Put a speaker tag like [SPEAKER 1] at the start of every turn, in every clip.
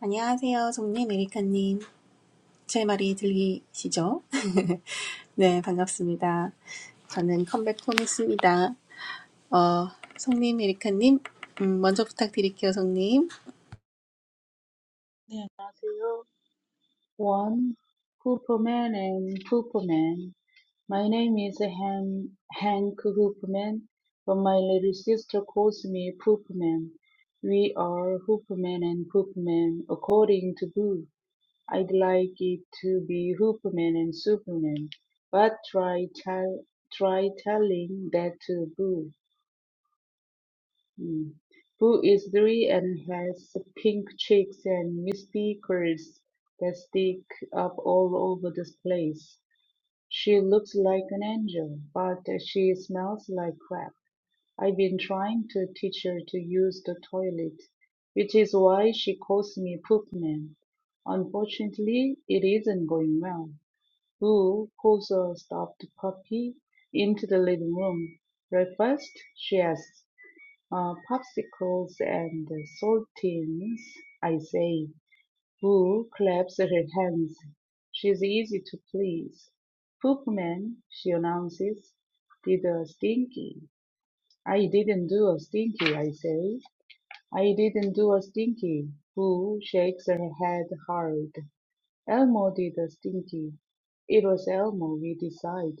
[SPEAKER 1] 안녕하세요, 송님, 에리카님. 제 말이 들리시죠? 네, 반갑습니다. 저는 컴백 톰입니다. 어, 송님, 에리카님, 음, 먼저 부탁드릴게요, 송님.
[SPEAKER 2] 네, 안녕하세요. 원, 후프맨 and 후프맨. My name is Han, Hank Hoopman, but my little sister calls me Poopman. We are Hoopman and Poopman according to Boo. I'd like it to be Hoopman and Superman, but try tell, try telling that to Boo. Mm. Boo is three and has pink cheeks and misty curls that stick up all over the place. She looks like an angel, but she smells like crap. I've been trying to teach her to use the toilet, which is why she calls me Poop Man. Unfortunately, it isn't going well. Boo pulls a stuffed puppy into the living room. Breakfast? she asks uh, popsicles and saltines, I say. Boo claps her hands. She's easy to please. Poop man, she announces, did a stinky. I didn't do a stinky, I say. I didn't do a stinky. Boo shakes her head hard. Elmo did a stinky. It was Elmo, we decide.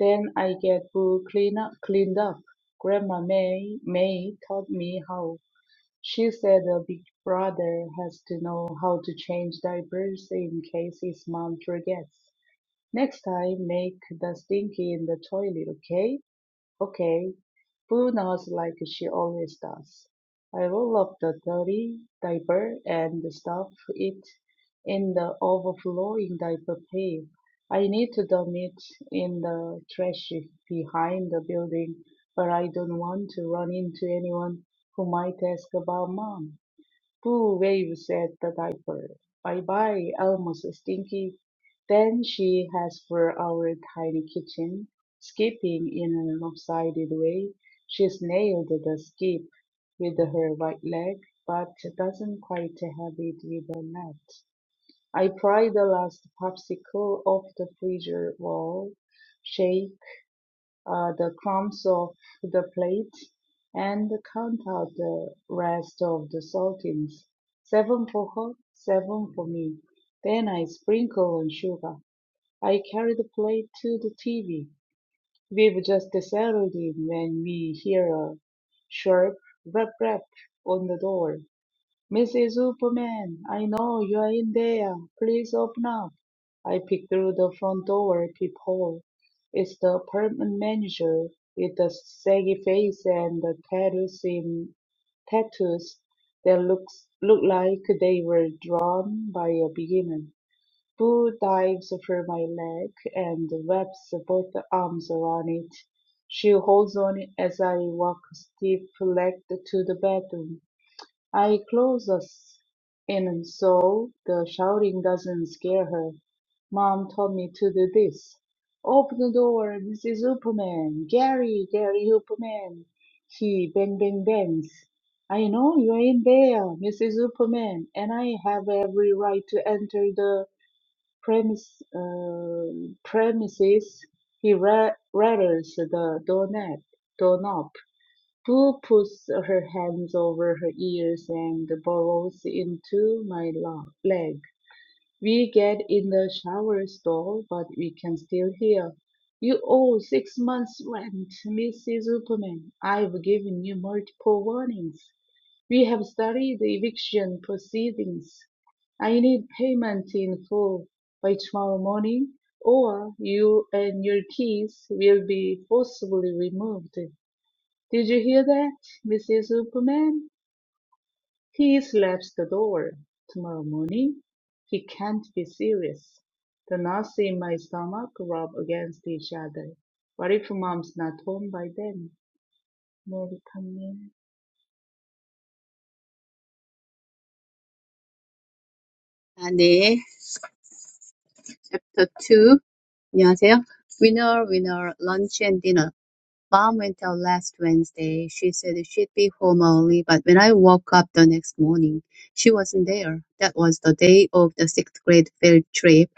[SPEAKER 2] Then I get Boo clean up, cleaned up. Grandma May, May taught me how. She said a big brother has to know how to change diapers in case his mom forgets. Next time, make the stinky in the toilet, okay? Okay. Poona's like she always does. I roll up the dirty diaper and stuff it in the overflowing diaper pail. I need to dump it in the trash behind the building, but I don't want to run into anyone who might ask about mom. Two waves at the diaper. Bye bye, almost stinky. Then she heads for our tiny kitchen, skipping in an lopsided way. She's nailed the skip with her right leg, but doesn't quite have it with the left. I pry the last popsicle off the freezer wall, shake uh, the crumbs off the plate and count out the rest of the saltines. Seven for her, seven for me. Then I sprinkle on sugar. I carry the plate to the TV. We've just settled in when we hear a sharp rap rap on the door. Mrs. Superman, I know you're in there. Please open up. I peek through the front door peephole. It's the apartment manager with the saggy face and the tattoos in tattoos that looks look like they were drawn by a beginner. Boo dives for my leg and wraps both arms around it. She holds on as I walk stiff-legged to the bedroom. I close us in so the shouting doesn't scare her. Mom told me to do this. Open the door, this is Superman. Gary, Gary Superman. He bang bang bangs. I know you're in there, Mrs. Superman, and I have every right to enter the premise, uh, premises. He ra- rattles the doorknob. doorknob. Prue puts her hands over her ears and burrows into my lo- leg. We get in the shower stall, but we can still hear. You owe six months' rent, Mrs. Superman. I've given you multiple warnings. We have studied the eviction proceedings. I need payment in full by tomorrow morning, or you and your keys will be forcibly removed. Did you hear that, Mrs. Superman? He slaps the door. Tomorrow morning? He can't be serious. The knots in my stomach rub against each other. What if mom's not home by then? 모르겠네.
[SPEAKER 3] 아, 네. Chapter 2. 안녕하세요. Winner, winner, lunch and dinner. Mom went out last Wednesday. She said she'd be home early, but when I woke up the next morning, she wasn't there. That was the day of the sixth grade field trip.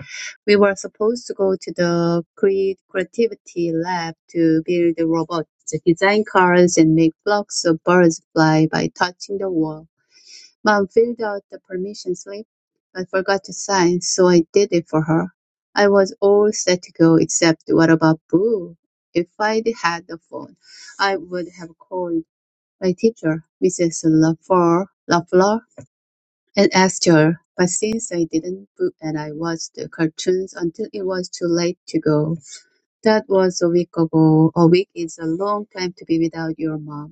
[SPEAKER 3] We were supposed to go to the cre- creativity lab to build robots, design cars, and make flocks of birds fly by touching the wall. Mom filled out the permission slip, but forgot to sign, so I did it for her. I was all set to go, except what about Boo? If I'd had the phone, I would have called my teacher, Mrs. LaFleur, LaFleur, and asked her. But since I didn't, Boo and I watched the cartoons until it was too late to go. That was a week ago. A week is a long time to be without your mom.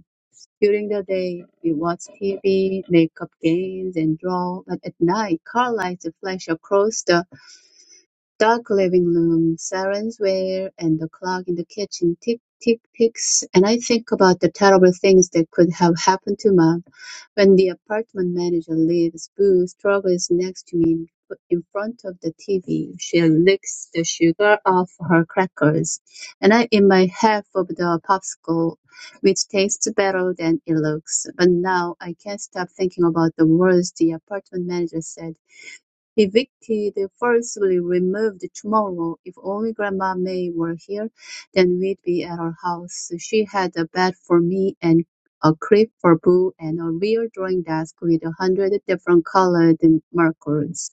[SPEAKER 3] During the day, we watch TV, make up games, and draw, but at night, car lights flash across the Dark living room, sirens wail, and the clock in the kitchen tick, tick, ticks, and I think about the terrible things that could have happened to Mom. When the apartment manager leaves, Boo struggles next to me in in front of the TV. She licks the sugar off her crackers, and I eat my half of the popsicle, which tastes better than it looks. But now I can't stop thinking about the words the apartment manager said Evicted, forcibly removed Tomorrow, if only Grandma May were here, then we'd be at our house. She had a bed for me and a crib for Boo and a real drawing desk with a hundred different colored markers.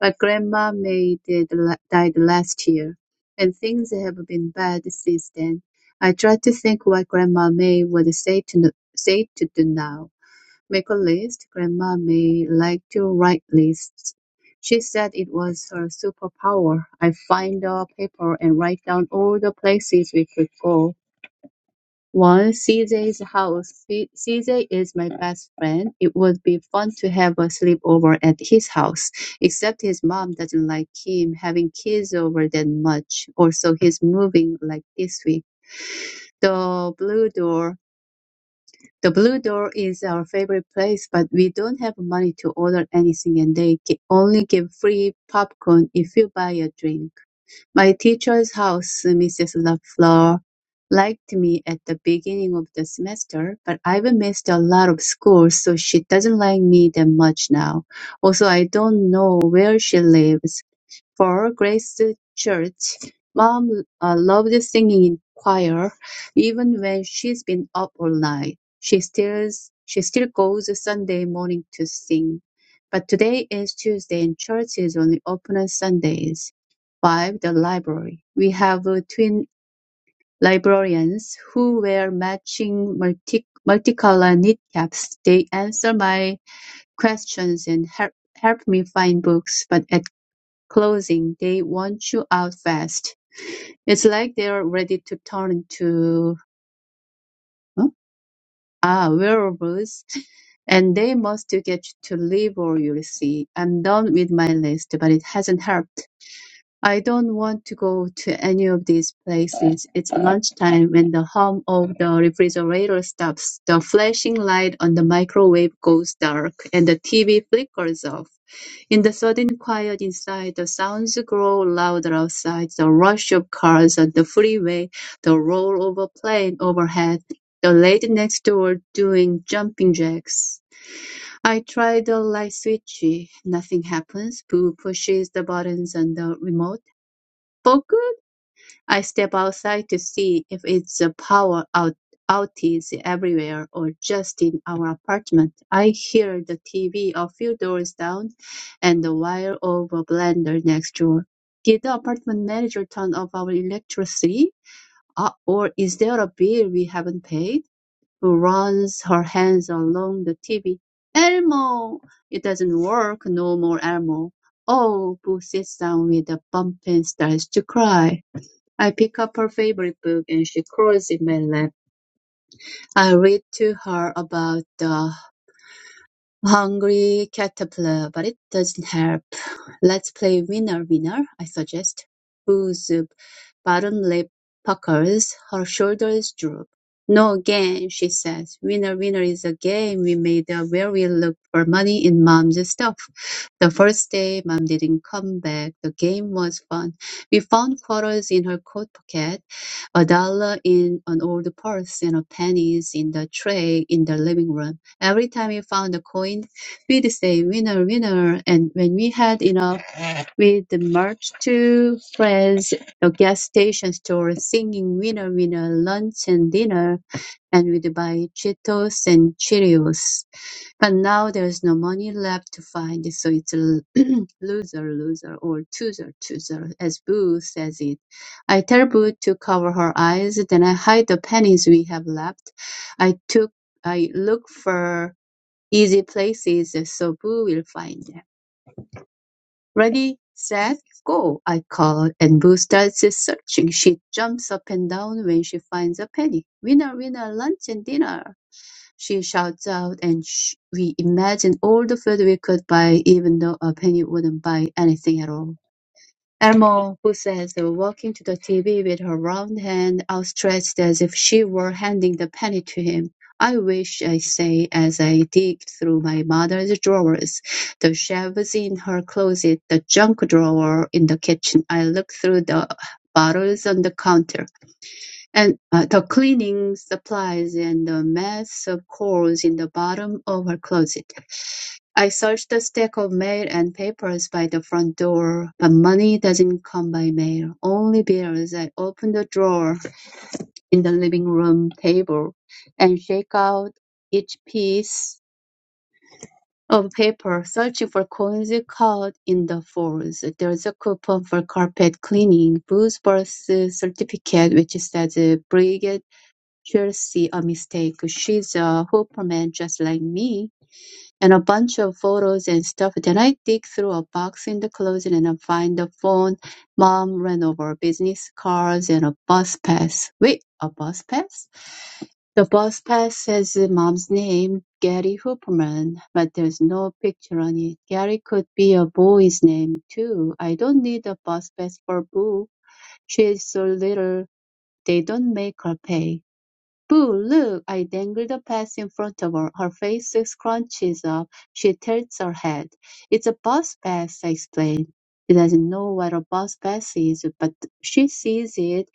[SPEAKER 3] But Grandma May did, la- died last year, and things have been bad since then. I try to think what Grandma May would say to, say to do now. Make a list. Grandma may like to write lists. She said it was her superpower. I find a paper and write down all the places we could go. One, C J's house. C- CJ is my best friend. It would be fun to have a sleepover at his house, except his mom doesn't like him having kids over that much. Also, he's moving like this week. The blue door. The Blue Door is our favorite place, but we don't have money to order anything and they gi- only give free popcorn if you buy a drink. My teacher's house, Mrs. LaFleur, liked me at the beginning of the semester, but I've missed a lot of school, so she doesn't like me that much now. Also, I don't know where she lives. For Grace Church, Mom uh, loved singing in choir. Even when she's been up all night, she still she still goes Sunday morning to sing. But today is Tuesday and church is only open on Sundays. Five, the library. We have uh, twin librarians who wear matching multi- multicolor knit caps. They answer my questions and help help me find books, but at clothing. They want you out fast. It's like they're ready to turn to huh? ah wearables, and they must get to live or you'll see. I'm done with my list, but it hasn't helped. I don't want to go to any of these places. It's lunchtime when the hum of the refrigerator stops, the flashing light on the microwave goes dark, and the TV flickers off. In the sudden quiet inside, the sounds grow louder outside, the rush of cars on the freeway, the roar of a plane overhead, the lady next door doing jumping jacks. I try the light switch. Nothing happens. Boo pushes the buttons on the remote. Focus! I step outside to see if it's a power out outage everywhere or just in our apartment. I hear the TV a few doors down and the wire of a blender next door. Did the apartment manager turn off our electricity? Uh, or is there a bill we haven't paid? Who runs her hands along the TV? Elmo! It doesn't work. No more Elmo. Oh, Boo sits down with a bump and starts to cry. I pick up her favorite book and she crawls in my lap. I read to her about the Hungry caterpillar, but it doesn't help. Let's play winner winner, I suggest. Boo's bottom lip puckers, her shoulders droop. No game, she says. Winner winner is a game we made up where we look for money in mom's stuff. The first day mom didn't come back. The game was fun. We found quarters in her coat pocket, a dollar in an old purse, and a pennies in the tray in the living room. Every time we found a coin, we'd say, winner, winner. And when we had enough, we'd march to friends, the gas station store, singing winner, winner, lunch and dinner. And we'd buy Cheetos and Cheerios. But now there's no money left to find, so it's a loser, loser, or chooser, chooser, as Boo says it. I tell Boo to cover her eyes, then I hide the pennies we have left. I took I look for Easy places, so Boo will find them. Ready, set, go, I call, and Boo starts searching. She jumps up and down when she finds a penny. Winner, winner, lunch and dinner, she shouts out, and sh- we imagine all the food we could buy, even though a penny wouldn't buy anything at all. Elmo, who says, "Uh, walking to the TV with her round hand outstretched as if she were handing the penny to him. I wish, I say, as I dig through my mother's drawers, the shelves in her closet, the junk drawer in the kitchen. I look through the bottles on the counter and uh, the cleaning supplies and the mess of coals in the bottom of her closet. I search the stack of mail and papers by the front door, but money doesn't come by mail, only bills. I open the drawer in the living room table and shake out each piece of paper, searching for coins caught in the folds. There's a coupon for carpet cleaning, Bruce birth certificate, which says Brigid Chelsea, a mistake. She's a hooperman just like me and a bunch of photos and stuff. Then I dig through a box in the closet and I find the phone mom ran over, business cards, and a bus pass. Wait, a bus pass? The bus pass says mom's name, Gary Hooperman, but there's no picture on it. Gary could be a boy's name too. I don't need a bus pass for Boo. She's so little. They don't make her pay. "Boo, look!" I dangle the pass in front of her. Her face scrunches up. She tilts her head. "It's a bus pass," I explain. She doesn't know what a bus pass is, but she sees it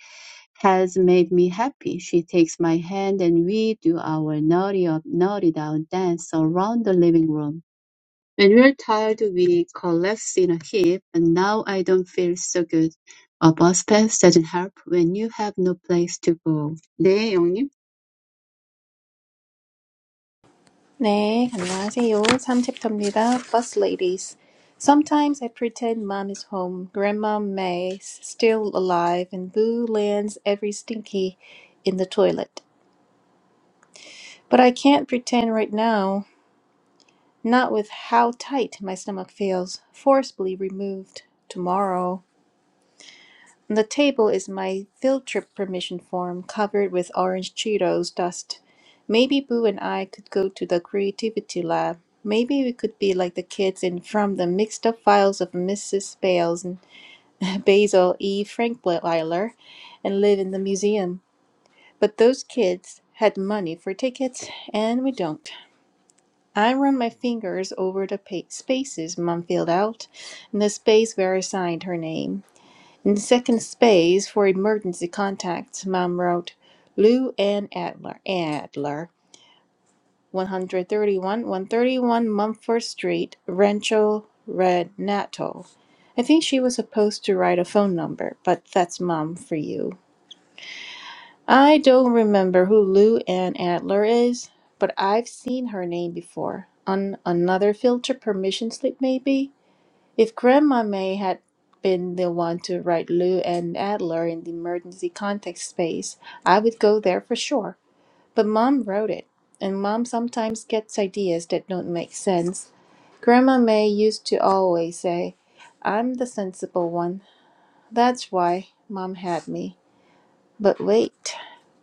[SPEAKER 3] has made me happy. She takes my hand and we do our naughty up, naughty down dance around the living room. When we're tired, we collapse in a heap, and now I don't feel so good. A bus pass doesn't help when you have no place to go. 네, 영님.
[SPEAKER 1] 네, 안녕하세요. 3챕터입니다. Bus Ladies. Sometimes I pretend mom is home. Grandma May's still alive and Boo lands every stinky in the toilet. But I can't pretend right now. not with how tight my stomach feels, forcibly removed tomorrow. On the table is my field trip permission form covered with orange Cheetos dust. Maybe Boo and I could go to the creativity lab. Maybe we could be like the kids in From the Mixed Up Files of Mrs. Bales and Basil E. Frankweiler and live in the museum. But those kids had money for tickets, and we don't. I run my fingers over the pa- spaces Mum filled out and the space where I signed her name. In the second space for emergency contacts, Mum wrote Lou Ann Adler, Adler, 131 131 Mumford Street, Rancho Renato. I think she was supposed to write a phone number, but that's Mum for you. I don't remember who Lou Ann Adler is, but I've seen her name before. On another filter permission slip, maybe? If Grandma May had been the one to write Lou Ann Adler in the emergency contact space, I would go there for sure. But Mom wrote it, and Mom sometimes gets ideas that don't make sense. Grandma May used to always say, I'm the sensible one. That's why Mom had me. But wait.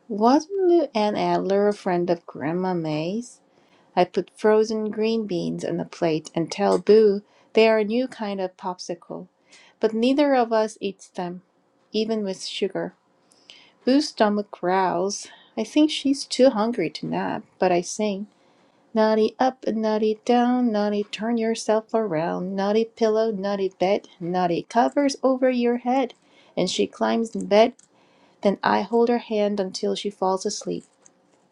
[SPEAKER 1] Wasn't Lou Ann Adler a friend of Grandma May's? I put frozen green beans on a plate and tell Boo they are a new kind of popsicle, but neither of us eats them, even with sugar. Boo's stomach growls. I think she's too hungry to nap, but I sing. Naughty up and naughty down, naughty turn yourself around, naughty pillow, naughty bed, naughty covers over your head. And she climbs in bed, then I hold her hand until she falls asleep.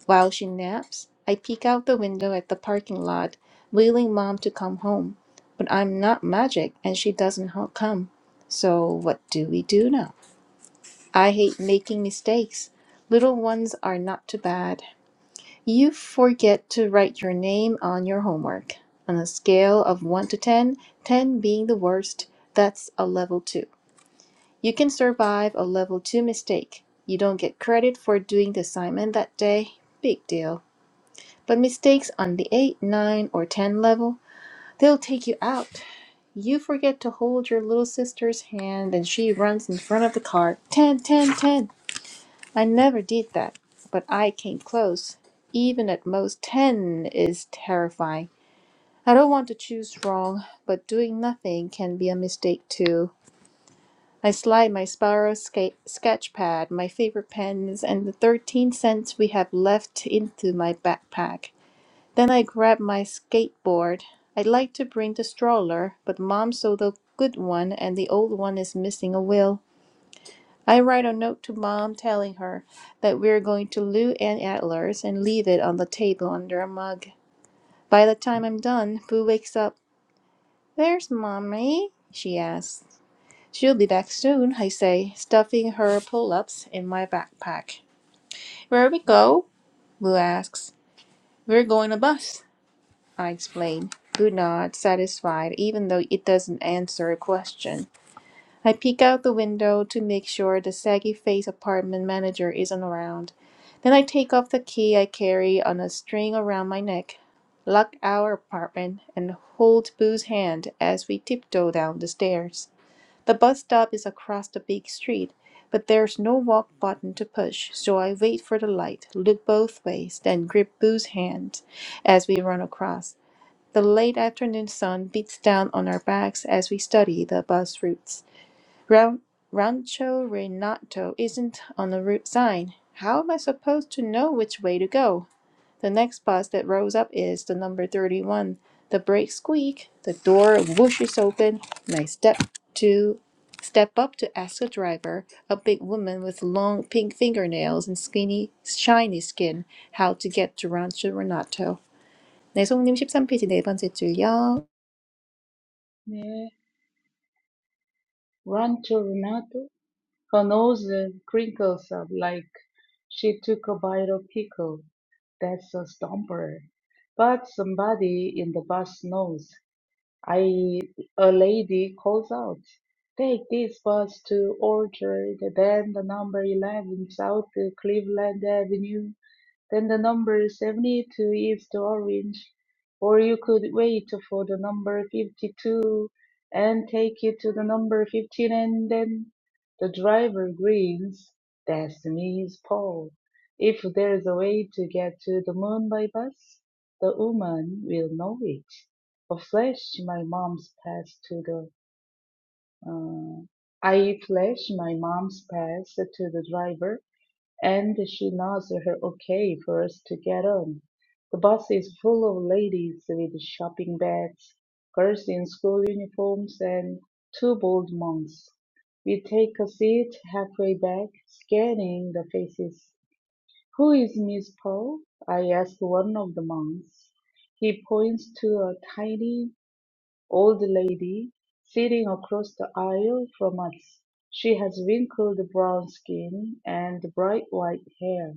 [SPEAKER 1] While she naps, I peek out the window at the parking lot, wailing mom to come home. But I'm not magic and she doesn't ho- come. So what do we do now? I hate making mistakes. Little ones are not too bad. You forget to write your name on your homework. On a scale of 1 to 10, 10 being the worst, that's a level 2. You can survive a level 2 mistake. You don't get credit for doing the assignment that day. Big deal. But mistakes on the 8, 9, or 10 level, they'll take you out. You forget to hold your little sister's hand and she runs in front of the car. 10, 10, 10. I never did that, but I came close. Even at most 10 is terrifying. I don't want to choose wrong, but doing nothing can be a mistake too. I slide my spiral sca- sketch pad, my favorite pens, and the 13 cents we have left into my backpack. Then I grabbed my skateboard. I'd like to bring the stroller, but mom sold a good one and the old one is missing a wheel. I write a note to mom telling her that we're going to Lou and Adler's and leave it on the table under a mug. By the time I'm done, Boo wakes up. Where's mommy? she asks. She'll be back soon, I say, stuffing her pull ups in my backpack. Where we go? Boo asks. We're going to bus. I explain, good nod, satisfied, even though it doesn't answer a question. I peek out the window to make sure the saggy faced apartment manager isn't around. Then I take off the key I carry on a string around my neck, lock our apartment, and hold Boo's hand as we tiptoe down the stairs. The bus stop is across the big street, but there's no walk button to push, so I wait for the light, look both ways, then grip Boo's hand as we run across. The late afternoon sun beats down on our backs as we study the bus routes. Ran- Rancho Renato isn't on the route sign. How am I supposed to know which way to go? The next bus that rolls up is the number 31. The brakes squeak, the door whooshes open, and I step to step up to ask the driver, a big woman with long pink fingernails and skinny, shiny skin, how to get to Rancho Renato. 네, 송님 13페이지 네 번째 줄요.
[SPEAKER 2] 네. Run to Renato. Her nose crinkles up like she took a bite of pickle. That's a stomper. But somebody in the bus knows. I a lady calls out, "Take this bus to Orchard, then the number eleven South Cleveland Avenue." Then the number 72 is the orange, or you could wait for the number 52 and take it to the number 15 and then the driver grins. Destiny's Paul. If there's a way to get to the moon by bus, the woman will know it. A flash my mom's pass to the, uh, I flash my mom's pass to the driver and she nods her okay for us to get on. The bus is full of ladies with shopping bags, girls in school uniforms, and two bald monks. We take a seat halfway back, scanning the faces. Who is Miss Pearl? I ask one of the monks. He points to a tiny old lady sitting across the aisle from us. She has wrinkled brown skin and bright white hair.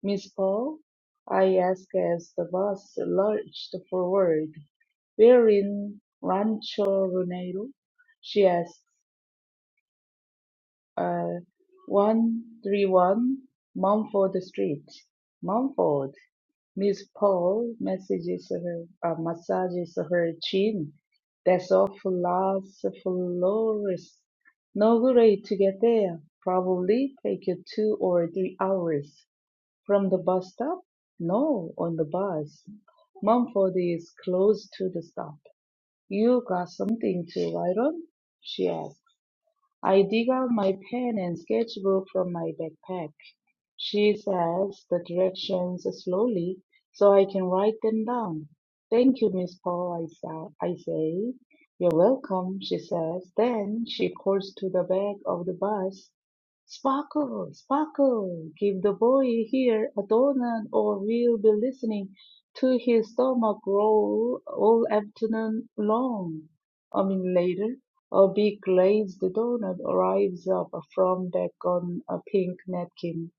[SPEAKER 2] "Miss Paul," I asked as the bus lurched forward, "we're in Rancho Redondo?" She asked. "Uh, 131 Mumford Street." "Mumford?" Miss Paul massages her, uh, massages her chin. "That's awful Las Flores. No great to get there. Probably take you two or three hours. From the bus stop? No, on the bus. Mumford is close to the stop. You got something to write on? she asked. I dig out my pen and sketchbook from my backpack. She says the directions slowly so I can write them down. Thank you, Miss Paul, I, sa- I say. You're welcome, she says. Then she pours to the back of the bus. Sparkle, sparkle, give the boy here a donut or we'll be listening to his stomach growl all afternoon long. I mean later. A big glazed donut arrives up from back on a pink napkin.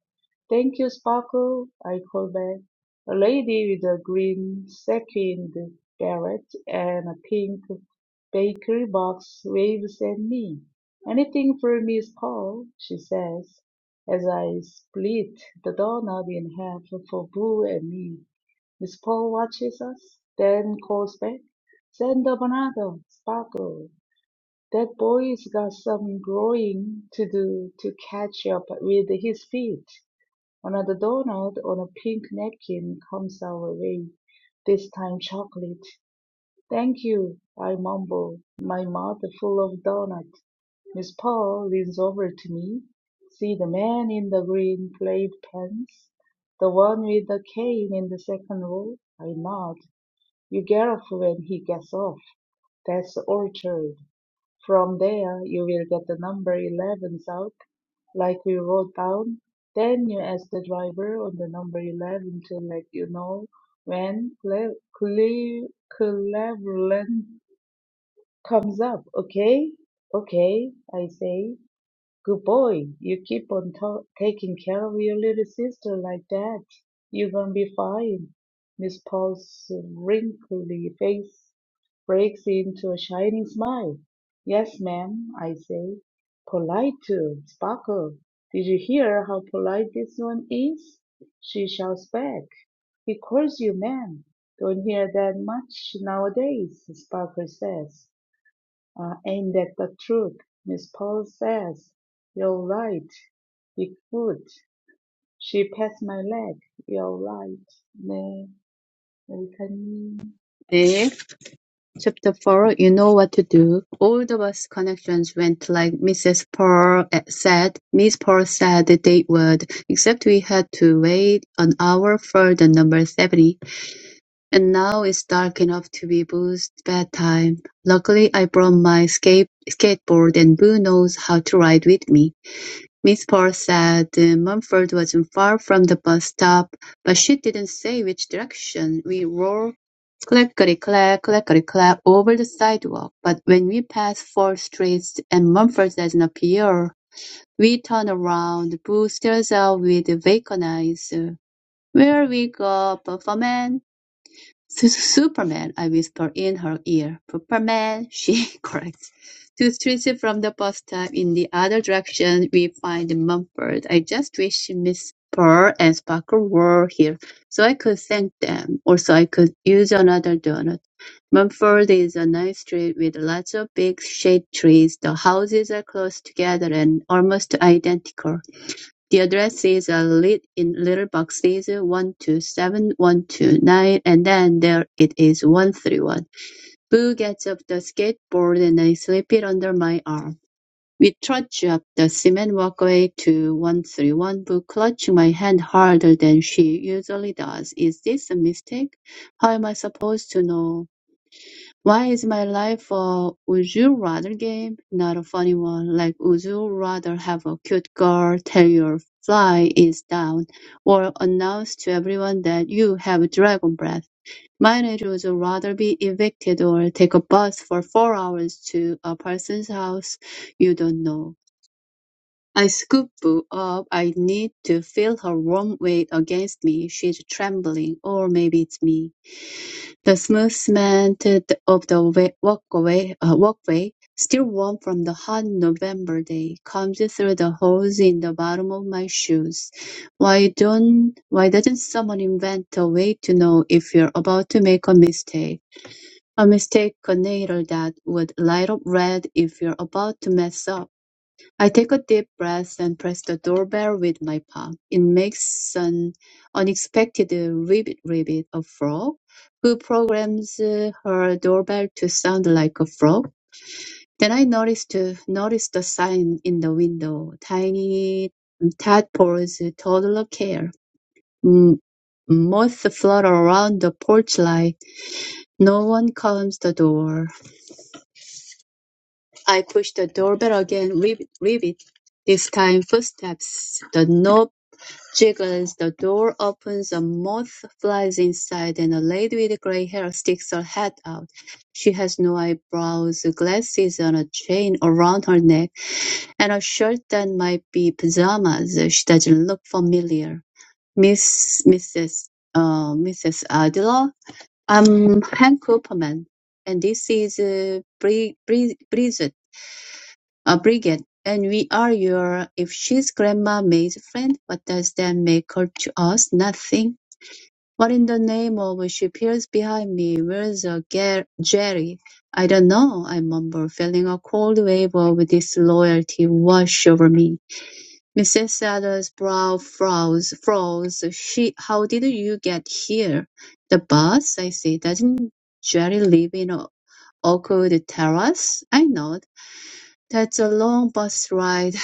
[SPEAKER 2] Thank you, Sparkle, I called back. A lady with a green sequined beret and a pink bakery box waves at me. Anything for Miss Paul, she says, as I split the doorknob in half for Boo and me. Miss Paul watches us, then calls back. Send up another, Sparkle. That boy's got some growing to do to catch up with his feet. Another Donald on a pink napkin comes our way, this time chocolate. Thank you, I mumble, my mouth full of donut. Miss Paul leans over to me. See the man in the green plaid pants? The one with the cane in the second row? I nod. You get off when he gets off. That's Orchard. From there, you will get the number 11 south, like we wrote down. Then you ask the driver on the number 11 to let you know when Cle- Cle- Cleveland comes up, okay? Okay, I say. Good boy, you keep on to- taking care of your little sister like that. You're gonna be fine. Miss Paul's wrinkly face breaks into a shining smile. Yes, ma'am, I say. Polite too, Sparkle. Did you hear how polite this one is? She shouts back. He calls you ma'am. Don't hear that much nowadays, Sparkle says. Uh, ain't that the truth? Miss Paul says, You're right. Be good. She pats my leg. You're right. 네, 여기까지.
[SPEAKER 3] Nick, chapter four, you know what to do. All the bus connections went like Mrs. Pearl eh, said. Miss Pearl said they would, except we had to wait an hour for the number 70. And now it's dark enough to be Boo's bedtime. Luckily, I brought my skate skateboard and Boo knows how to ride with me. Miss Paul said Mumford wasn't far from the bus stop, but she didn't say which direction. We rolled clackety-clack, clackety-clack over the sidewalk, but when we passed Fourth Street and Mumford doesn't appear, we turn around. Boo stares out with vacant eyes. Where we go, Bufferman? "Su- Superman," I whisper in her ear. "Pepperman," she corrects. Two streets from the bus stop, in the other direction, we find Mumford. I just wish Miss Pearl and Sparkle were here, so I could thank them. Also, I could use another donut. Mumford is a nice street with lots of big shade trees. The houses are close together and almost identical. The addresses are lit in little boxes, one two seven, one two nine, and then there it is, one three one. Boo gets off the skateboard and I slip it under my arm. We trudge up the cement walkway to one three one. Boo clutching my hand harder than she usually does. Is this a mistake? How am I supposed to know? Why is my life a would you rather game? Not a funny one. Like, would you rather have a cute girl tell your fly is down or announce to everyone that you have dragon breath? Mine is would you rather be evicted or take a bus for four hours to a person's house you don't know. I scoop Boo up. I need to feel her warm weight against me. She's trembling, or maybe it's me. The smooth cement of the walkway, uh, walkway, still warm from the hot November day, comes through the holes in the bottom of my shoes. Why don't why doesn't someone invent a way to know if you're about to make a mistake? A mistake, a nail that would light up red if you're about to mess up. I take a deep breath and press the doorbell with my palm. It makes an unexpected ribbit ribbit a frog who programs uh, her doorbell to sound like a frog. Then I noticed uh, noticed the sign in the window: tiny tadpoles, toddler care. M- Moths flutter around the porch light. No one comes the door. I push the doorbell again. Ribbit, ribbit. This time, footsteps. The knob Jiggles the door open, a moth flies inside, and a lady with grey hair sticks her head out. She has no eyebrows, glasses and a chain around her neck, and a shirt that might be pajamas. She doesn't look familiar. Miss Mrs. Uh, Mrs. Adler? I'm Hank Cooperman, and this is uh, Bri- Bri- Bridget. Brigade, and we are your if she's grandma May's friend, what does that make her to us? Nothing. What in the name of she peers behind me, where's uh, Ger- Jerry? I don't know, I mumble, feeling a cold wave of disloyalty wash over me. Mrs. Sellers' brow froze, froze. She, how did you get here? The bus, I say, doesn't Jerry live in a awkward terrace? I nod. That's a long bus ride.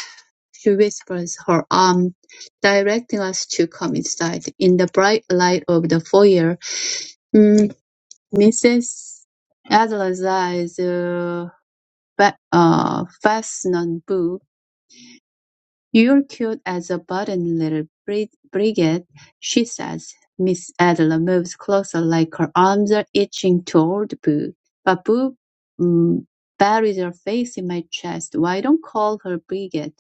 [SPEAKER 3] She whispers, her arm directing us to come inside. In the bright light of the foyer, mm, Mrs. Adler's eyes uh, fa- uh, fasten on Boo. You're cute as a button, little bri- brigade, she says. Miss Adler moves closer, like her arms are itching toward Boo. But Boo mm, buries her face in my chest. Why don't call her brigade?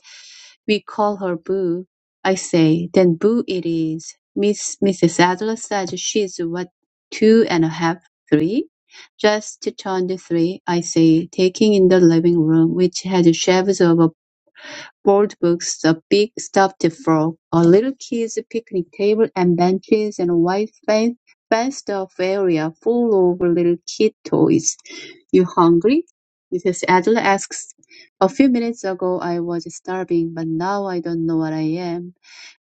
[SPEAKER 3] We call her Boo. I say, then Boo it is. Miss Mrs. Adler says she's what, two and a half, three? Just turned three, I say, taking in the living room, which had shelves of board books, a big stuffed frog, a little kids' picnic table and benches, and a white fen- fenced-off area full of little kid toys. You hungry? Mrs. Adler asks. A few minutes ago I was starving, but now I don't know what I am.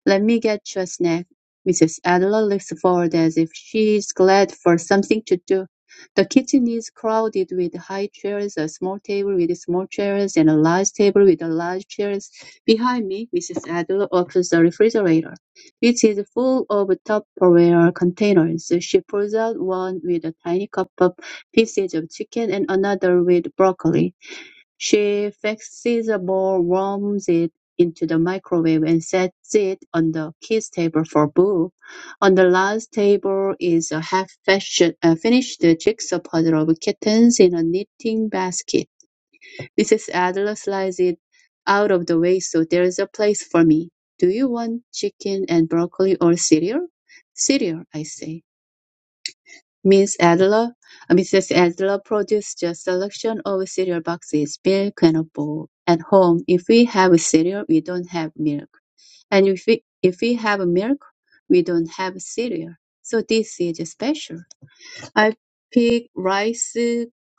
[SPEAKER 3] Let me get you a snack. Mrs. Adler Looks forward as if she is glad for something to do. The kitchen is crowded with high chairs, a small table with small chairs, and a large table with large chairs. Behind me, Mrs. Adler opens the refrigerator, which is full of Tupperware containers. She pulls out one with a tiny cup of pieces of chicken and another with broccoli. She fixes a ball, warms it into the microwave, and sets it on the kids' table for Boo. On the last table is a half-finished uh, finished jigsaw puzzle of kittens in a knitting basket. Mrs. Adler slides it out of the way so there's a place for me. Do you want chicken and broccoli or cereal? Cereal, I say. Ms. Adler, Mrs. Adler produced a selection of cereal boxes, milk, and a bowl. At home, if we have cereal, we don't have milk, and if we if we have milk, we don't have cereal. So this is special. I pick Rice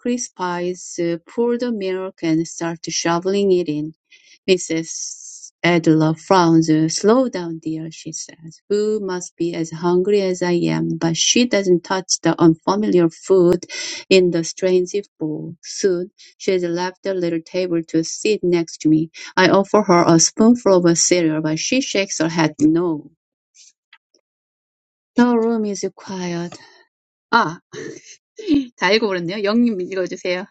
[SPEAKER 3] Krispies, pour the milk, and start shoveling it in. Mrs. Adler frowns. "Slow down, dear," she says. "Who must be as hungry as I am." But she doesn't touch the unfamiliar food in the strange bowl. Soon, she has left the little table to sit next to me. I offer her a spoonful of cereal, but she shakes her head no. The room is quiet. 아, 다 읽어버렸네요. 영님 읽어주세요.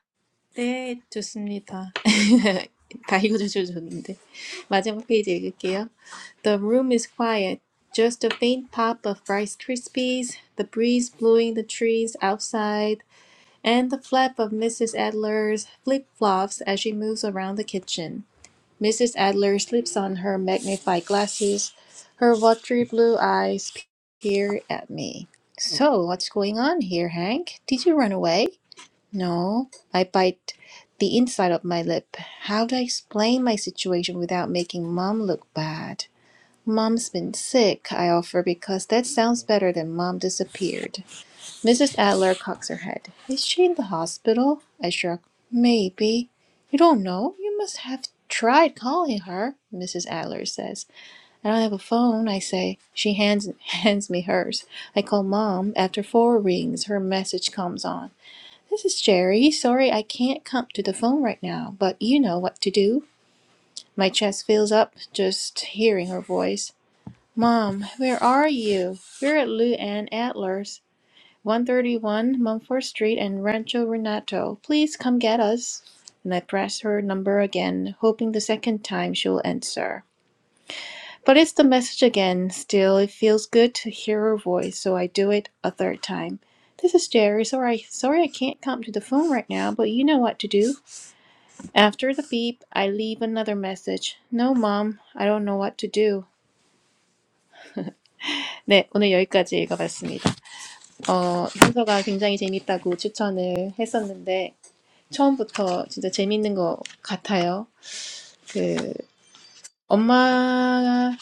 [SPEAKER 1] 네, 좋습니다. 다 읽어주셨는데. 마지막 페이지 읽을게요. The room is quiet. Just a faint pop of Rice Krispies, the breeze blowing the trees outside, and the flap of Mrs. Adler's flip-flops as she moves around the kitchen. Mrs. Adler slips on her magnified glasses. Her watery blue eyes peer at me. So, what's going on here, Hank? Did you run away? No, I bite the inside of my lip. How do I explain my situation without making mom look bad? Mom's been sick, I offer because that sounds better than mom disappeared. Mrs. Adler cocks her head. Is she in the hospital? I shrug. Maybe. You don't know? You must have tried calling her, Mrs. Adler says. I don't have a phone, I say. She hands hands me hers. I call mom. After four rings, her message comes on. This is Jerry. Sorry I can't come to the phone right now, but you know what to do. My chest fills up just hearing her voice. Mom, where are you? We're at Lou Ann Adler's, 131 Mumford Street and Rancho Renato. Please come get us. And I press her number again, hoping the second time she'll answer. But it's the message again. Still, it feels good to hear her voice, so I do it a third time. This is Jerry. Sorry, sorry I can't come to the phone right now, but you know what to do. After the beep, I leave another message. No, mom, I don't know what to do. 네, 오늘 여기까지 읽어봤습니다. 어, 현서가 굉장히 재밌다고 추천을 했었는데, 처음부터 진짜 재밌는 것 같아요. 그, 엄마가,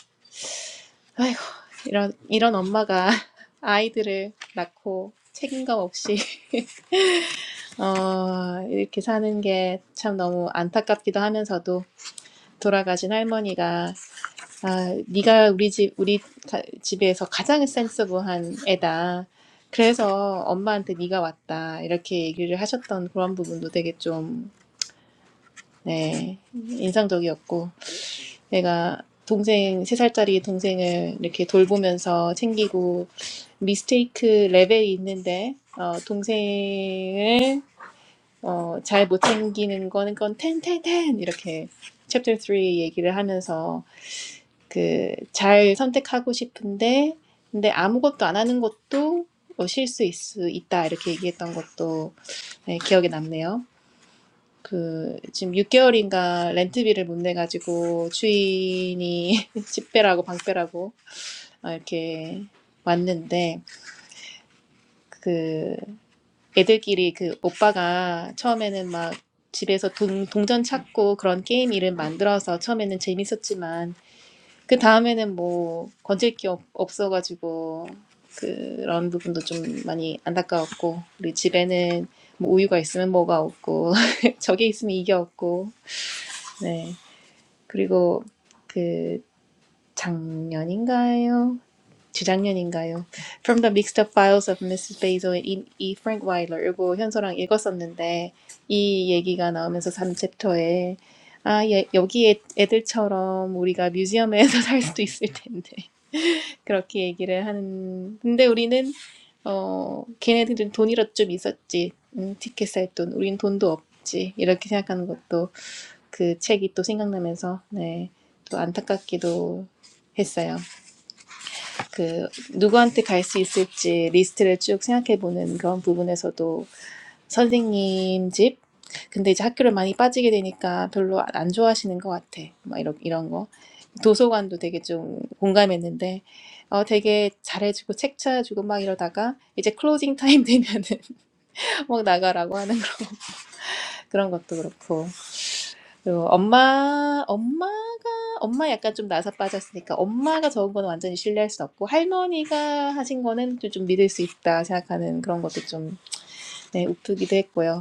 [SPEAKER 1] 아이고, 이런, 이런 엄마가 아이들을 낳고 책임감 없이, 어, 이렇게 사는 게참 너무 안타깝기도 하면서도, 돌아가신 할머니가 아, 네가 우리 집 우리 가- 집에서 가장 센서블한 애다. 그래서 엄마한테 네가 왔다. 이렇게 얘기를 하셨던 그런 부분도 되게 좀 네, 인상적이었고 내가 동생 세 살짜리 동생을 이렇게 돌보면서 챙기고 미스테이크 레벨이 있는데 어, 동생을 어, 잘못 챙기는 거는 건 텐텐텐 이렇게 챕터 3 얘기를 하면서 그 잘 선택하고 싶은데 근데 아무것도 안 하는 것도 뭐 실수일 수 있다 이렇게 얘기했던 것도 네, 기억에 남네요. 그 지금 6개월인가 렌트비를 못 내가지고 주인이 집배라고 방배라고 어, 이렇게 왔는데 그 애들끼리 그 오빠가 처음에는 막 집에서 동, 동전 찾고 그런 게임 이름 만들어서 처음에는 재밌었지만 그 다음에는 뭐 건질 게 없, 없어가지고 그런 부분도 좀 많이 안타까웠고 우리 집에는 뭐 우유가 있으면 뭐가 없고 저게 있으면 이게 없고 네 그리고 그 작년인가요? 재작년인가요? From the mixed up files of Mrs. Basil and E. E. Frank Wyler 이거 현서랑 읽었었는데 이 얘기가 나오면서 삼 챕터에 아, 예, 여기 애, 애들처럼 우리가 뮤지엄에서 살 수도 있을 텐데 그렇게 얘기를 하는 근데 우리는 어 걔네들은 돈이라도 좀 있었지 음, 티켓 살 돈 우린 돈도 없지 이렇게 생각하는 것도 그 책이 또 생각나면서 네또 안타깝기도 했어요 그 누구한테 갈 수 있을지 리스트를 쭉 생각해 보는 그런 부분에서도 선생님 집. 근데 이제 학교를 많이 빠지게 되니까 별로 안 좋아하시는 것 같아. 막 이런, 이런 거. 도서관도 되게 좀 공감했는데, 어, 되게 잘해주고 책 찾아주고 막 이러다가 이제 클로징 타임 되면은 막 나가라고 하는 거- 그런 것도 그렇고. 그리고 엄마, 엄마가, 엄마 약간 좀 나사 빠졌으니까 엄마가 적은 건 완전히 신뢰할 수 없고 할머니가 하신 거는 또좀 믿을 수 있다 생각하는 그런 것도 좀, 네, 우프기도 했고요.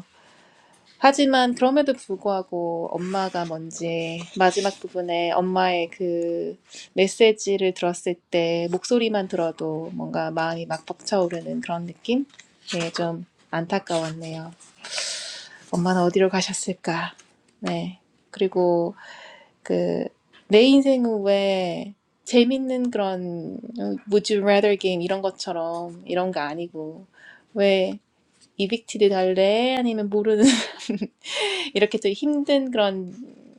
[SPEAKER 1] 하지만 그럼에도 불구하고 엄마가 뭔지 마지막 부분에 엄마의 그 메시지를 들었을 때 목소리만 들어도 뭔가 마음이 막 벅차오르는 그런 느낌? 네, 좀 안타까웠네요. 엄마는 어디로 가셨을까? 네. 그리고 그 내 인생은 왜 재밌는 그런 Would you rather 게임 이런 것처럼 이런 거 아니고 왜 이빅티드 달래? 아니면 모르는 이렇게 또 힘든 그런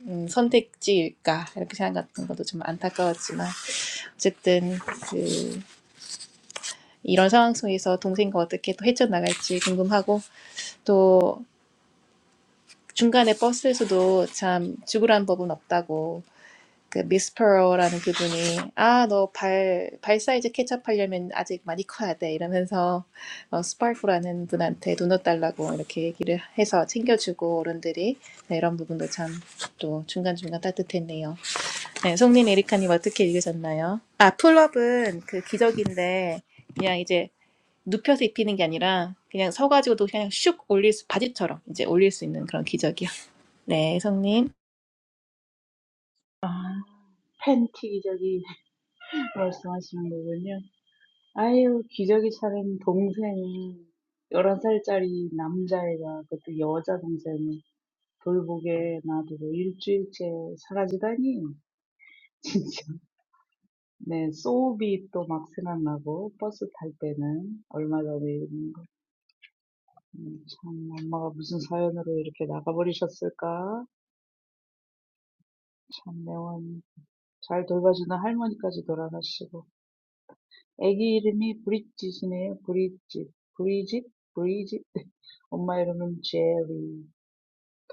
[SPEAKER 1] 음, 선택지일까 이렇게 생각하는 것도 좀 안타까웠지만 어쨌든 그 이런 상황 속에서 동생과 어떻게 또 헤쳐나갈지 궁금하고 또 중간에 버스에서도 참 죽으란 법은 없다고 그 미스퍼러라는 그분이 아, 너 발 발 사이즈 케첩하려면 아직 많이 커야 돼 이러면서 어, 스파이크라는 분한테 도넛 달라고 이렇게 얘기를 해서 챙겨주고 어른들이 네, 이런 부분도 참 또 중간중간 따뜻했네요. 네, 송님 에리카님 어떻게 읽으셨나요? 아, 풀업은 그 기적인데 그냥 이제 눕혀서 입히는 게 아니라 그냥 서가지고도 그냥 슉 올릴 수 바지처럼 이제 올릴 수 있는 그런 기적이요. 네, 송님.
[SPEAKER 2] 아, 팬티 기저귀 말씀하시는 거군요. 아유, 기저귀 차린 동생이 열한 살짜리 남자애가, 그것도 여자 동생이 돌보게 놔두고 일주일째 사라지다니. 진짜. 네. 소울비 또막 생각나고 버스 탈 때는 얼마 전에 이런 거. 음, 참 엄마가 무슨 사연으로 이렇게 나가버리셨을까? 참 매원 잘 돌봐주는 할머니까지 돌아가시고. 아기 이름이 브릿짓이네요. 브릿짓. 브리짓? 브리짓. 엄마 이름은 제리.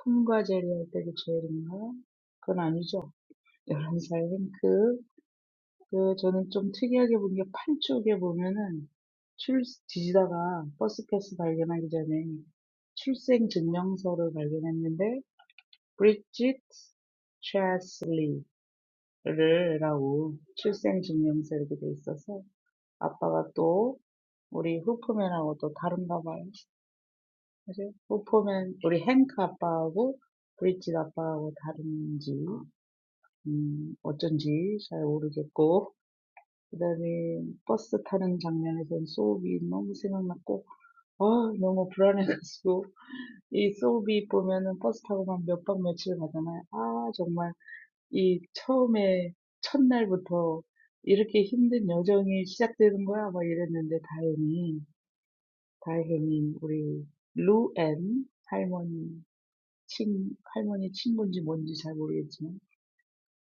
[SPEAKER 2] 톰과 제리 할 때도 제리인가? 그건 아니죠. 열한 살 윙크. 그 저는 좀 특이하게 본 게 판쪽에 보면은 출 뒤지다가 버스 패스 발견하기 전에 출생 증명서를 발견했는데 브리짓 최슬리를 라고 출생 증명서 이렇게 돼 있어서 아빠가 또 우리 후프맨하고 또 다른가 봐요. 그래서 후프맨 우리 행크 아빠하고 브리짓 아빠하고 다른지 음 어쩐지 잘 모르겠고 그다음에 버스 타는 장면에선 소울이 너무 생각났고 아 너무 불안해가지고 이 소울이 보면은 버스 타고만 몇 박 며칠 가잖아요. 아 정말 이 처음에 첫날부터 이렇게 힘든 여정이 시작되는 거야 막 이랬는데 다행히 다행히 우리 루앤 할머니 친 할머니 친구인지 뭔지 잘 모르겠지만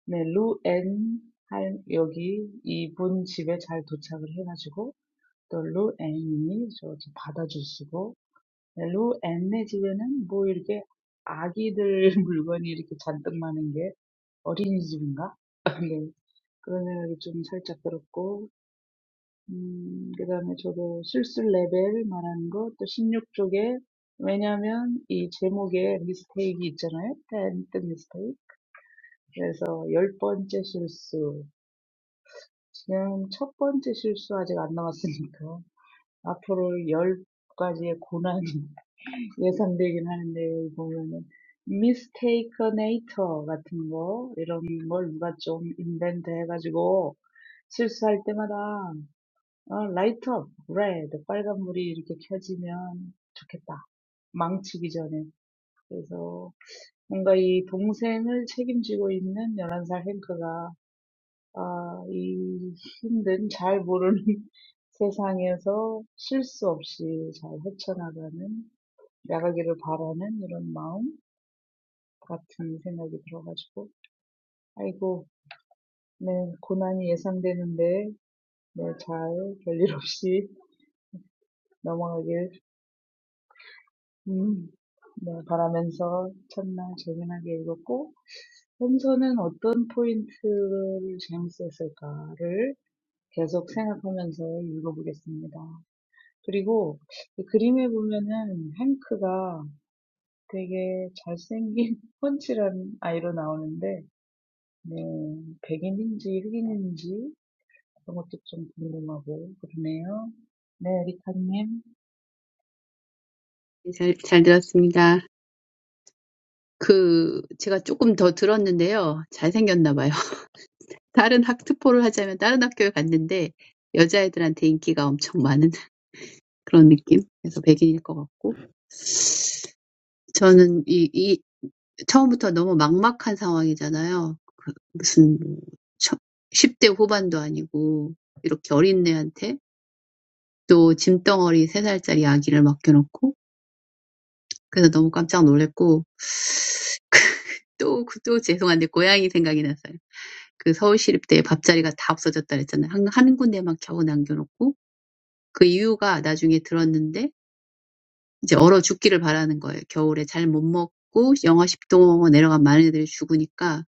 [SPEAKER 2] 네 루앤 할 여기 이분 집에 잘 도착을 해가지고 또 루앤이 저기 받아주시고 루앤네 집에는 뭐 이렇게 아기들 물건이 이렇게 잔뜩 많은 게 어린이집인가? 네, 그런 생각이 좀 살짝 들었고 음, 그다음에 저도 술술 레벨 말하는 거또 십육 쪽에 왜냐면 이 제목에 미스테이크 있잖아요. 텐트 미스테이크. 그래서 열 번째 실수. 지금 첫 번째 실수 아직 안 나왔으니까 앞으로 열 가지의 고난 예상되긴 하는데 보면은 미스테이커네이터 같은 거 이런 걸 누가 좀 인벤트 해가지고 실수할 때마다 어, 라이트업, 레드, 빨간불이 이렇게 켜지면 좋겠다. 망치기 전에. 그래서 뭔가 이 동생을 책임지고 있는 열한 살 행크가 아, 이 힘든 잘 모르는 세상에서 실수 없이 잘 헤쳐나가는 나가기를 바라는 이런 마음 같은 생각이 들어가지고 아이고 네 고난이 예상되는데 네, 잘 별일 없이 넘어가길 음, 네 바라면서 첫날 재미나게 읽었고 홈서는 어떤 포인트를 재밌었을까를 계속 생각하면서 읽어보겠습니다. 그리고 그 그림에 보면은 행크가 되게 잘생긴 펀치란 아이로 나오는데 네, 백인인지 흑인인지 그런 것도 좀 궁금하고 그러네요. 네, 리카님.
[SPEAKER 3] 잘, 잘 들었습니다. 그, 제가 조금 더 들었는데요. 잘생겼나 봐요. 다른 학투포를 하자면 다른 학교에 갔는데 여자애들한테 인기가 엄청 많은 그런 느낌? 그래서 백인일 것 같고. 저는 이, 이, 처음부터 너무 막막한 상황이잖아요. 무슨, 뭐 처- 10대 후반도 아니고, 이렇게 어린 애한테 또 짐덩어리 세 살짜리 아기를 맡겨놓고, 그래서 너무 깜짝 놀랐고, 또, 또 죄송한데, 고양이 생각이 났어요. 그 서울시립대에 밥자리가 다 없어졌다 그랬잖아요. 한, 한 군데만 겨우 남겨놓고, 그 이유가 나중에 들었는데, 이제 얼어 죽기를 바라는 거예요. 겨울에 잘못 먹고 영하 십 도 내려간 많은 애들이 죽으니까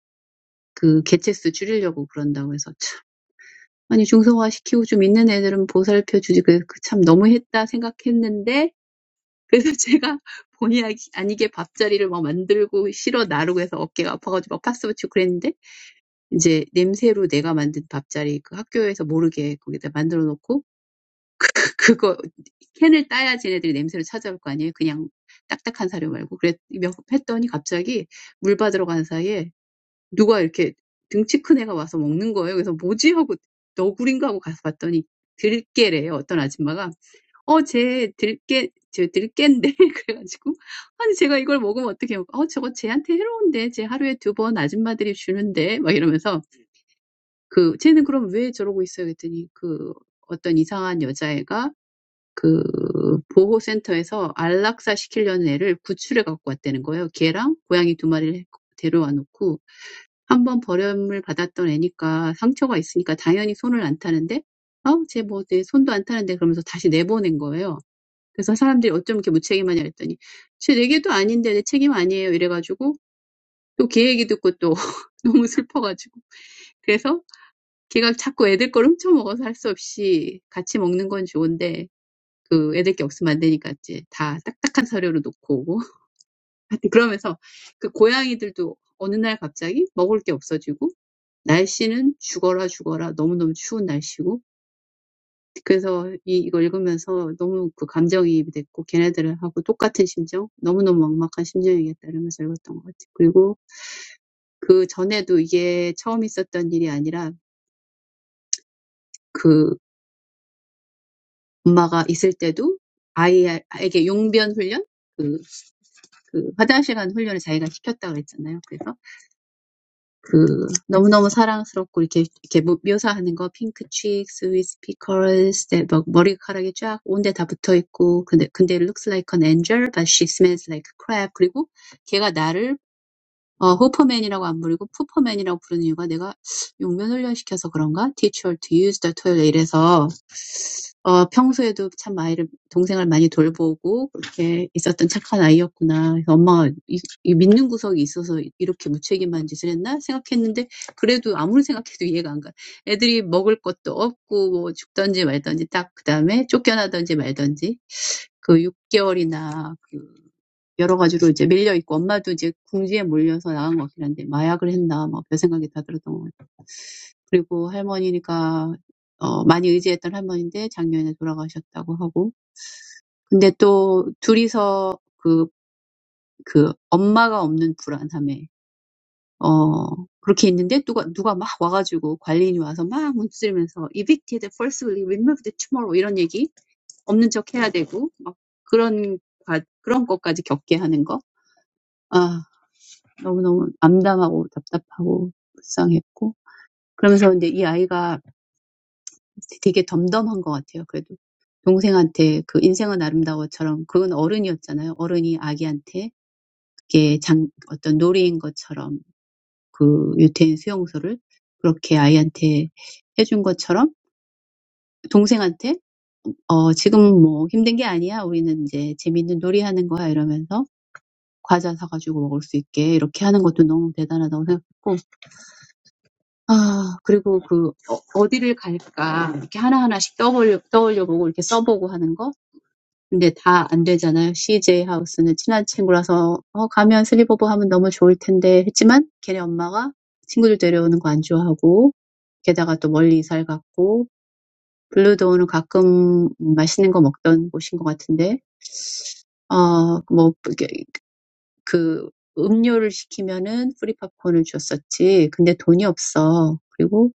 [SPEAKER 3] 그 개체수 줄이려고 그런다고 해서 참. 아니, 중성화시키고 좀 있는 애들은 보살펴 주지. 그, 그참 너무했다 생각했는데, 그래서 제가 본의 아니게 밥자리를 막 만들고 실어 나르고 해서 어깨가 아파가지고 막 파스 붙이고 그랬는데, 이제 냄새로 내가 만든 밥자리 그 학교에서 모르게 거기다 만들어 놓고 그거 캔을 따야 쟤네들이 냄새를 찾아올 거 아니에요. 그냥 딱딱한 사료 말고. 그랬 몇 했더니 갑자기 물 받으러 간 사이에 누가 이렇게 등치 큰 애가 와서 먹는 거예요. 그래서 뭐지 하고 너구리인가 하고 가서 봤더니 들깨래요. 어떤 아줌마가 어, 쟤 들깨, 저 들깨인데 그래가지고 아니 제가 이걸 먹으면 어떻게 먹? 어, 저거 쟤한테 해로운데 쟤 하루에 두 번 아줌마들이 주는데 막 이러면서 그 쟤는 그럼 왜 저러고 있어요? 그랬더니 그 어떤 이상한 여자애가 그 보호센터에서 안락사 시키려는 애를 구출해 갖고 왔다는 거예요. 개랑 고양이 두 마리를 데려와 놓고 한번 버림을 받았던 애니까 상처가 있으니까 당연히 손을 안 타는데 어, 쟤 뭐, 내 손도 안 타는데 그러면서 다시 내보낸 거예요. 그래서 사람들이 어쩜 이렇게 무책임하냐 그랬더니 쟤 내게도 아닌데 내 책임 아니에요 이래가지고 또 걔 얘기 듣고 또 너무 슬퍼가지고 그래서 걔가 자꾸 애들 걸 훔쳐먹어서 할 수 없이 같이 먹는 건 좋은데 그 애들 게 없으면 안 되니까 이제 다 딱딱한 사료를 놓고 오고 그러면서 그 고양이들도 어느 날 갑자기 먹을 게 없어지고 날씨는 죽어라 죽어라 너무너무 추운 날씨고 그래서 이, 이거 읽으면서 너무 그 감정이입이 됐고 걔네들하고 똑같은 심정 너무너무 막막한 심정이겠다 이러면서 읽었던 것 같아요. 그리고 그 전에도 이게 처음 있었던 일이 아니라 그 엄마가 있을 때도 아이에게 용변 훈련 그, 그 화장실 간 훈련을 자기가 시켰다고 그랬잖아요. 그래서 그 너무너무 사랑스럽고 이렇게 이렇게 묘사하는 거 핑크 cheeks with pickles 네, 막 머리카락이 쫙 온데 다 붙어 있고 근데 근데 looks like an angel but she smells like crap 그리고 걔가 나를 어, 호퍼맨이라고 안 부르고 푸퍼맨이라고 부르는 이유가 내가 용변 훈련시켜서 그런가? Teach her to use the toilet 이래서 어, 평소에도 참 아이를 동생을 많이 돌보고 그렇게 있었던 착한 아이였구나. 그래서 엄마가 이, 이 믿는 구석이 있어서 이렇게 무책임한 짓을 했나 생각했는데 그래도 아무리 생각해도 이해가 안 가. 애들이 먹을 것도 없고 뭐 죽든지 말든지 딱 그 다음에 쫓겨나든지 말든지 그 6개월이나 여러 가지로 이제 밀려 있고 엄마도 이제 궁지에 몰려서 나간 것 같긴 한데 마약을 했나 막 별 생각이 다 들었던 것 같아요. 그리고 할머니가 어 많이 의지했던 할머니인데 작년에 돌아가셨다고 하고 근데 또 둘이서 그그 엄마가 없는 불안함에 어 그렇게 있는데 누가 누가 막 와가지고 관리인이 와서 막 문두들면서 evicted forcibly removed tomorrow 이런 얘기 없는 척 해야 되고 막 그런 가- 그런 것까지 겪게 하는 거. 아 너무너무 암담하고 답답하고 불쌍했고 그러면서 이제 이 아이가 되게 덤덤한 것 같아요. 그래도 동생한테 그 인생은 아름다워처럼 그건 어른이었잖아요. 어른이 아기한테 그게 장 어떤 놀이인 것처럼 그 유태인 수용소를 그렇게 아이한테 해준 것처럼 동생한테 어 지금 뭐 힘든 게 아니야. 우리는 이제 재밌는 놀이하는 거야 이러면서 과자 사가지고 먹을 수 있게 이렇게 하는 것도 너무 대단하다고 생각했고 아, 그리고 그, 어, 어디를 갈까, 이렇게 하나하나씩 떠올려, 떠올려보고 이렇게 써보고 하는 거? 근데 다 안 되잖아요. CJ 하우스는 친한 친구라서, 어, 가면 슬립오버 하면 너무 좋을 텐데, 했지만, 걔네 엄마가 친구들 데려오는 거 안 좋아하고, 게다가 또 멀리 이사를 갔고, 블루도우는 가끔 맛있는 거 먹던 곳인 것 같은데, 어, 뭐, 이게 그, 음료를 시키면은 프리 팝콘을 줬었지. 근데 돈이 없어. 그리고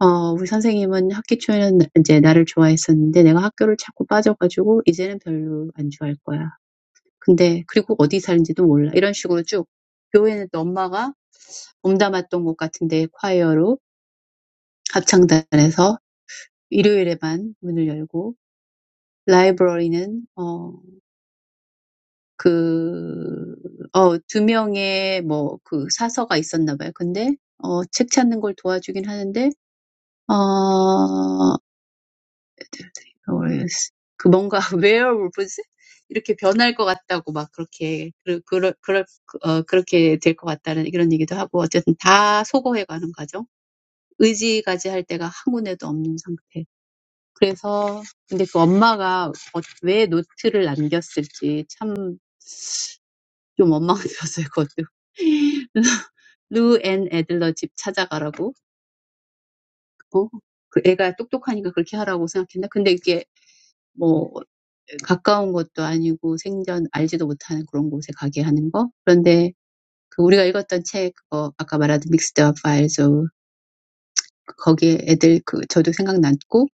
[SPEAKER 3] 어 우리 선생님은 학기 초에는 이제 나를 좋아했었는데 내가 학교를 자꾸 빠져가지고 이제는 별로 안 좋아할 거야. 근데 그리고 어디 사는지도 몰라. 이런 식으로 쭉 교회는 또 엄마가 몸담았던 곳 같은데 콰이어로 합창단에서 일요일에만 문을 열고 라이브러리는 어 그어두 명의 뭐 그 사서가 있었나 봐요. 근데 어 책 찾는 걸 도와주긴 하는데 어 어렸- 그 뭔가 웨어울브즈 이렇게 변할 것 같다고 막 그렇게 그 그럴 그럴 어 그렇게 될 것 같다는 이런 얘기도 하고 어쨌든 다 소거해가는 과정 의지까지 할 때가 한 군데도 없는 상태 그래서 근데 그 엄마가 어, 왜 노트를 남겼을지 참좀 원망이 들었어요 그것도 루앤 애들러 집 찾아가라고 어? 그 애가 똑똑하니까 그렇게 하라고 생각했나 근데 이게 뭐 가까운 것도 아니고 생전 알지도 못하는 그런 곳에 가게 하는 거. 그런데 그 우리가 읽었던 책 그거 아까 말하던 믹스드 업 파일즈 거기에 애들 그 저도 생각났고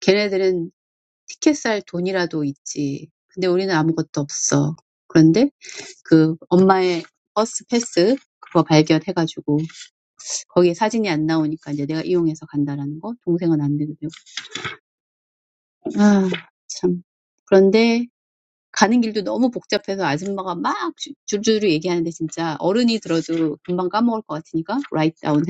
[SPEAKER 3] 걔네들은 티켓 살 돈이라도 있지. 근데 우리는 아무것도 없어. 그런데 그 엄마의 버스 패스 그거 발견해가지고 거기에 사진이 안 나오니까 이제 내가 이용해서 간다라는 거 동생은 안 되고 아, 참. 그런데 Right down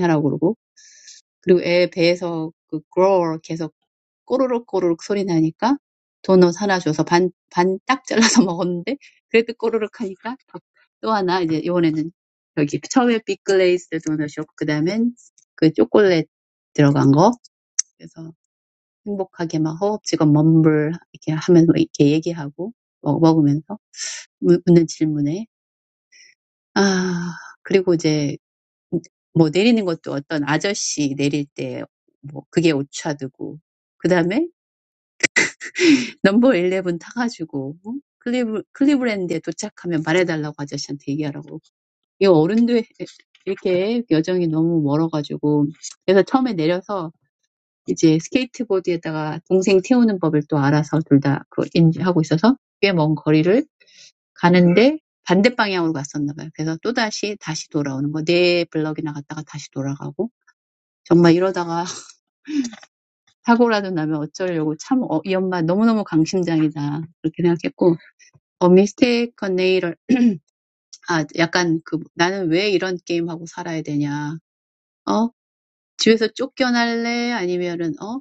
[SPEAKER 3] here. 묻- 묻는 질문에. 아, 그리고 이제 뭐 내리는 것도 어떤 아저씨 내릴 때 뭐 그게 오차드고 그다음에 넘버 11 타가지고 어? 클리브, 클리브랜드에 도착하면 말해달라고 아저씨한테 얘기하라고 이 어른도 이렇게 여정이 너무 멀어가지고 그래서 처음에 내려서 이제 스케이트보드에다가 동생 태우는 법을 또 알아서 둘 둘다그 인지하고 있어서 꽤 먼 거리를 가는데 반대 방향으로 갔었나 봐요. 그래서 또다시 다시 돌아오는 거. 네 블럭이나 갔다가 다시 돌아가고. 정말 이러다가 사고라도 나면 어쩌려고 참, 어, 이 엄마 너무너무 강심장이다. 그렇게 생각했고, 어, 미스테이크 네일을, 아, 약간 그, 나는 왜 이런 게임하고 살아야 되냐. 어? 집에서 쫓겨날래? 아니면은, 어?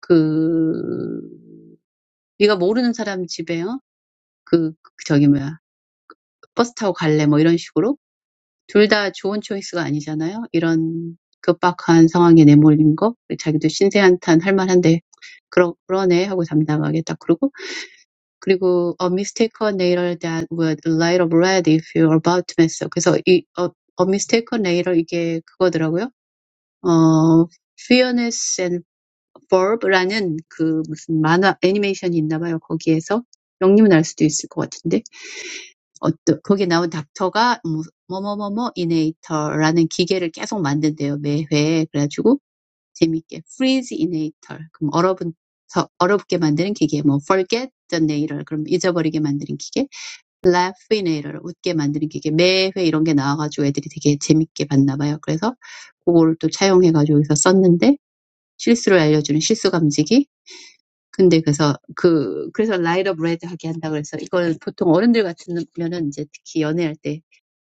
[SPEAKER 3] 그, 네가 모르는 사람 집에, 어? 그, 그 저기 뭐야. 버스 타고 갈래? 뭐 이런 식으로 둘 다 좋은 초이스가 아니잖아요. 이런 급박한 상황에 내몰린 거, 자기도 신세한탄 할 만한데 그러, 그러네 하고 담담하겠다. 그리고 그리고 A mistakeoner that would light up red if you're about to mess up. 그래서 이 A mistakeoner 이게 그거더라고요. 어 Fearless and Bob라는 그 무슨 만화 애니메이션이 있나봐요. 거기에서 영림은 할 수도 있을 것 같은데. 어떤 거기에 나온 닥터가 뭐 뭐뭐뭐뭐 이네이터라는 기계를 계속 만든대요 매 회에 그래가지고 재밌게 freeze 이네이터 그럼 얼어붙 얼어붙게 만드는 기계 뭐 forget the nator 그럼 잊어버리게 만드는 기계 laugh inator 웃게 만드는 기계 매회 이런 게 나와가지고 애들이 되게 재밌게 봤나 봐요 그래서 그거를 또 차용해가지고 여기서 썼는데 실수를 알려주는 실수 감지기 근데 그래서 그 그래서 라이더 브레드 하게 한다 그래서 이걸 보통 어른들 같으면은 이제 특히 연애할 때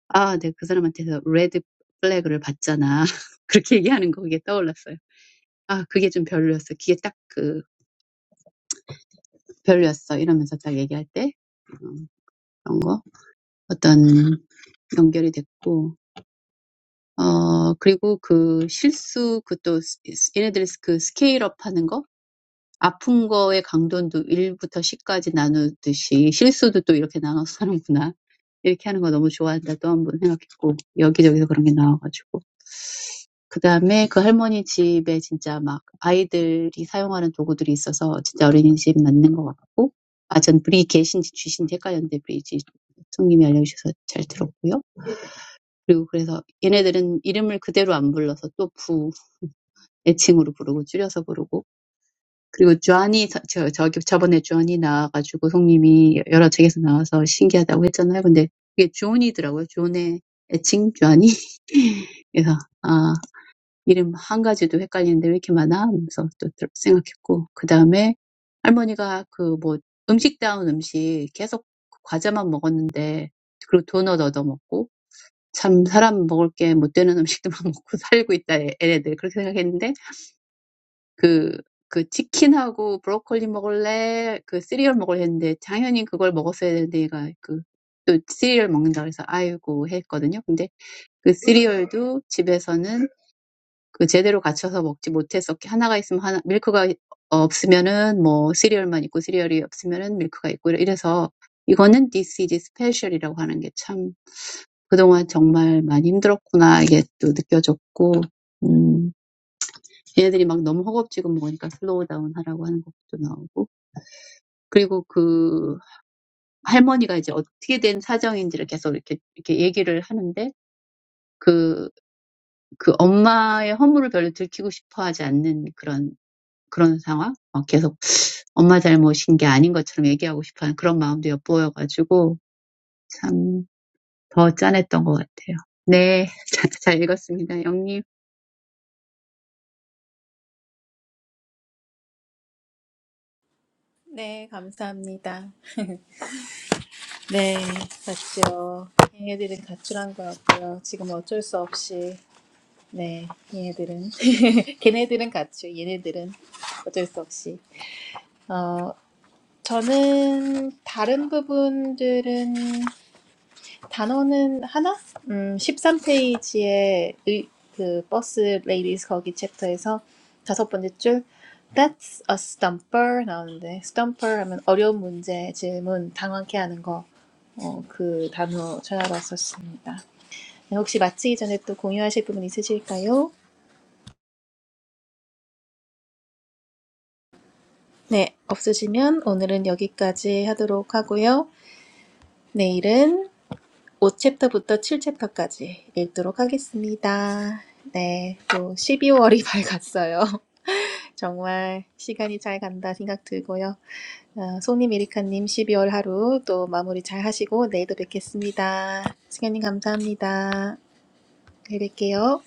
[SPEAKER 3] 아, 네, 그 사람한테서 레드 플래그를 받잖아. 그렇게 얘기하는 거 그게 떠올랐어요. 아, 그게 좀 별로였어. 그게 딱 그, 별로였어. 이러면서 딱 얘기할 때, 음, 그런 거. 어떤 연결이 됐고, 어, 그리고 그 실수, 그또 얘네들 그 스케일업 하는 거? 아픈 거의 강도도 일부터 십까지 나누듯이 실수도 또 이렇게 나눠서 하는구나. 이렇게 하는 거 너무 좋아한다. 또 한 번 생각했고 여기저기서 그런 게 나와가지고. 그 다음에 그 할머니 집에 진짜 막 아이들이 사용하는 도구들이 있어서 진짜 어린이집 맞는 것 같고 아 전 브리 계신지 쥐신지 헷갈렸는데 브리지 총님이 알려주셔서 잘 들었고요. 그리고 그래서 얘네들은 이름을 그대로 안 불러서 또 부 애칭으로 부르고 줄여서 부르고 그리고 주한이 저, 저기 저번에 주한이 나와가지고 가지고 송님이 여러 책에서 나와서 신기하다고 했잖아요. 근데 그게 주온이더라고요. 주온의 애칭 주한이. 그래서 아 이름 한 가지도 헷갈리는데 왜 이렇게 많아? 하면서 또 들- 생각했고 그 다음에 할머니가 그뭐 음식다운 음식 계속 과자만 먹었는데 그리고 도넛 얻어 먹고 참 사람 먹을 게못 되는 음식들만 먹고 살고 있다 얘- 얘네들 그렇게 생각했는데 그, 그 치킨하고 브로콜리 먹을래? 그 시리얼 먹을래 했는데 당연히 그걸 먹었어야 되는데 얘가 그, 또 시리얼 먹는다 그래서 아이고 했거든요. 근데 그 시리얼도 집에서는 그 제대로 갖춰서 먹지 못했었기 하나가 있으면 하나, 밀크가 없으면은 뭐 시리얼만 있고 시리얼이 없으면은 밀크가 있고 이래- 이래서 이거는 this is special이라고 하는 게참 그동안 정말 많이 힘들었구나 이게 또 느껴졌고, 얘네들이 막 너무 허겁지겁 먹으니까 슬로우 다운 하라고 하는 것도 나오고. 그리고 그 할머니가 이제 어떻게 된 사정인지를 계속 이렇게, 이렇게 얘기를 하는데, 그, 그 엄마의 허물을 별로 들키고 싶어 하지 않는 그런, 그런 상황? 막 계속 엄마 잘못인 게 아닌 것처럼 얘기하고 싶어 하는 그런 마음도 엿보여가지고, 참, 더 짠했던 것 같아요. 네, 잘, 잘 읽었습니다. 영님.
[SPEAKER 1] 네, 감사합니다. 네, 봤죠. 얘네들은 가출한 것 같고요. 지금 어쩔 수 없이, 네, 얘네들은, 걔네들은 가출, 얘네들은 어쩔 수 없이. 어, 저는 다른 부분들은 단어는 하나? 음, 13페이지에 그 버스 레이디스 거기 챕터에서 다섯 번째 줄 That's a stumper 나오는데 stumper 하면 어려운 문제 질문 당황케 하는 거. 어, 그 단어 찾아봤었습니다. 네, 혹시 마치기 전에 또 공유하실 부분 있으실까요? 네, 없으시면 오늘은 여기까지 하도록 하고요. 내일은 5챕터부터 7챕터까지 읽도록 하겠습니다. 네, 또 12월이 밝았어요. 정말 시간이 잘 간다 생각 들고요. 아, 송님, 에리카님 12월 하루 또 마무리 잘 하시고 내일도 뵙겠습니다. 승현님 감사합니다. 내일 뵐게요.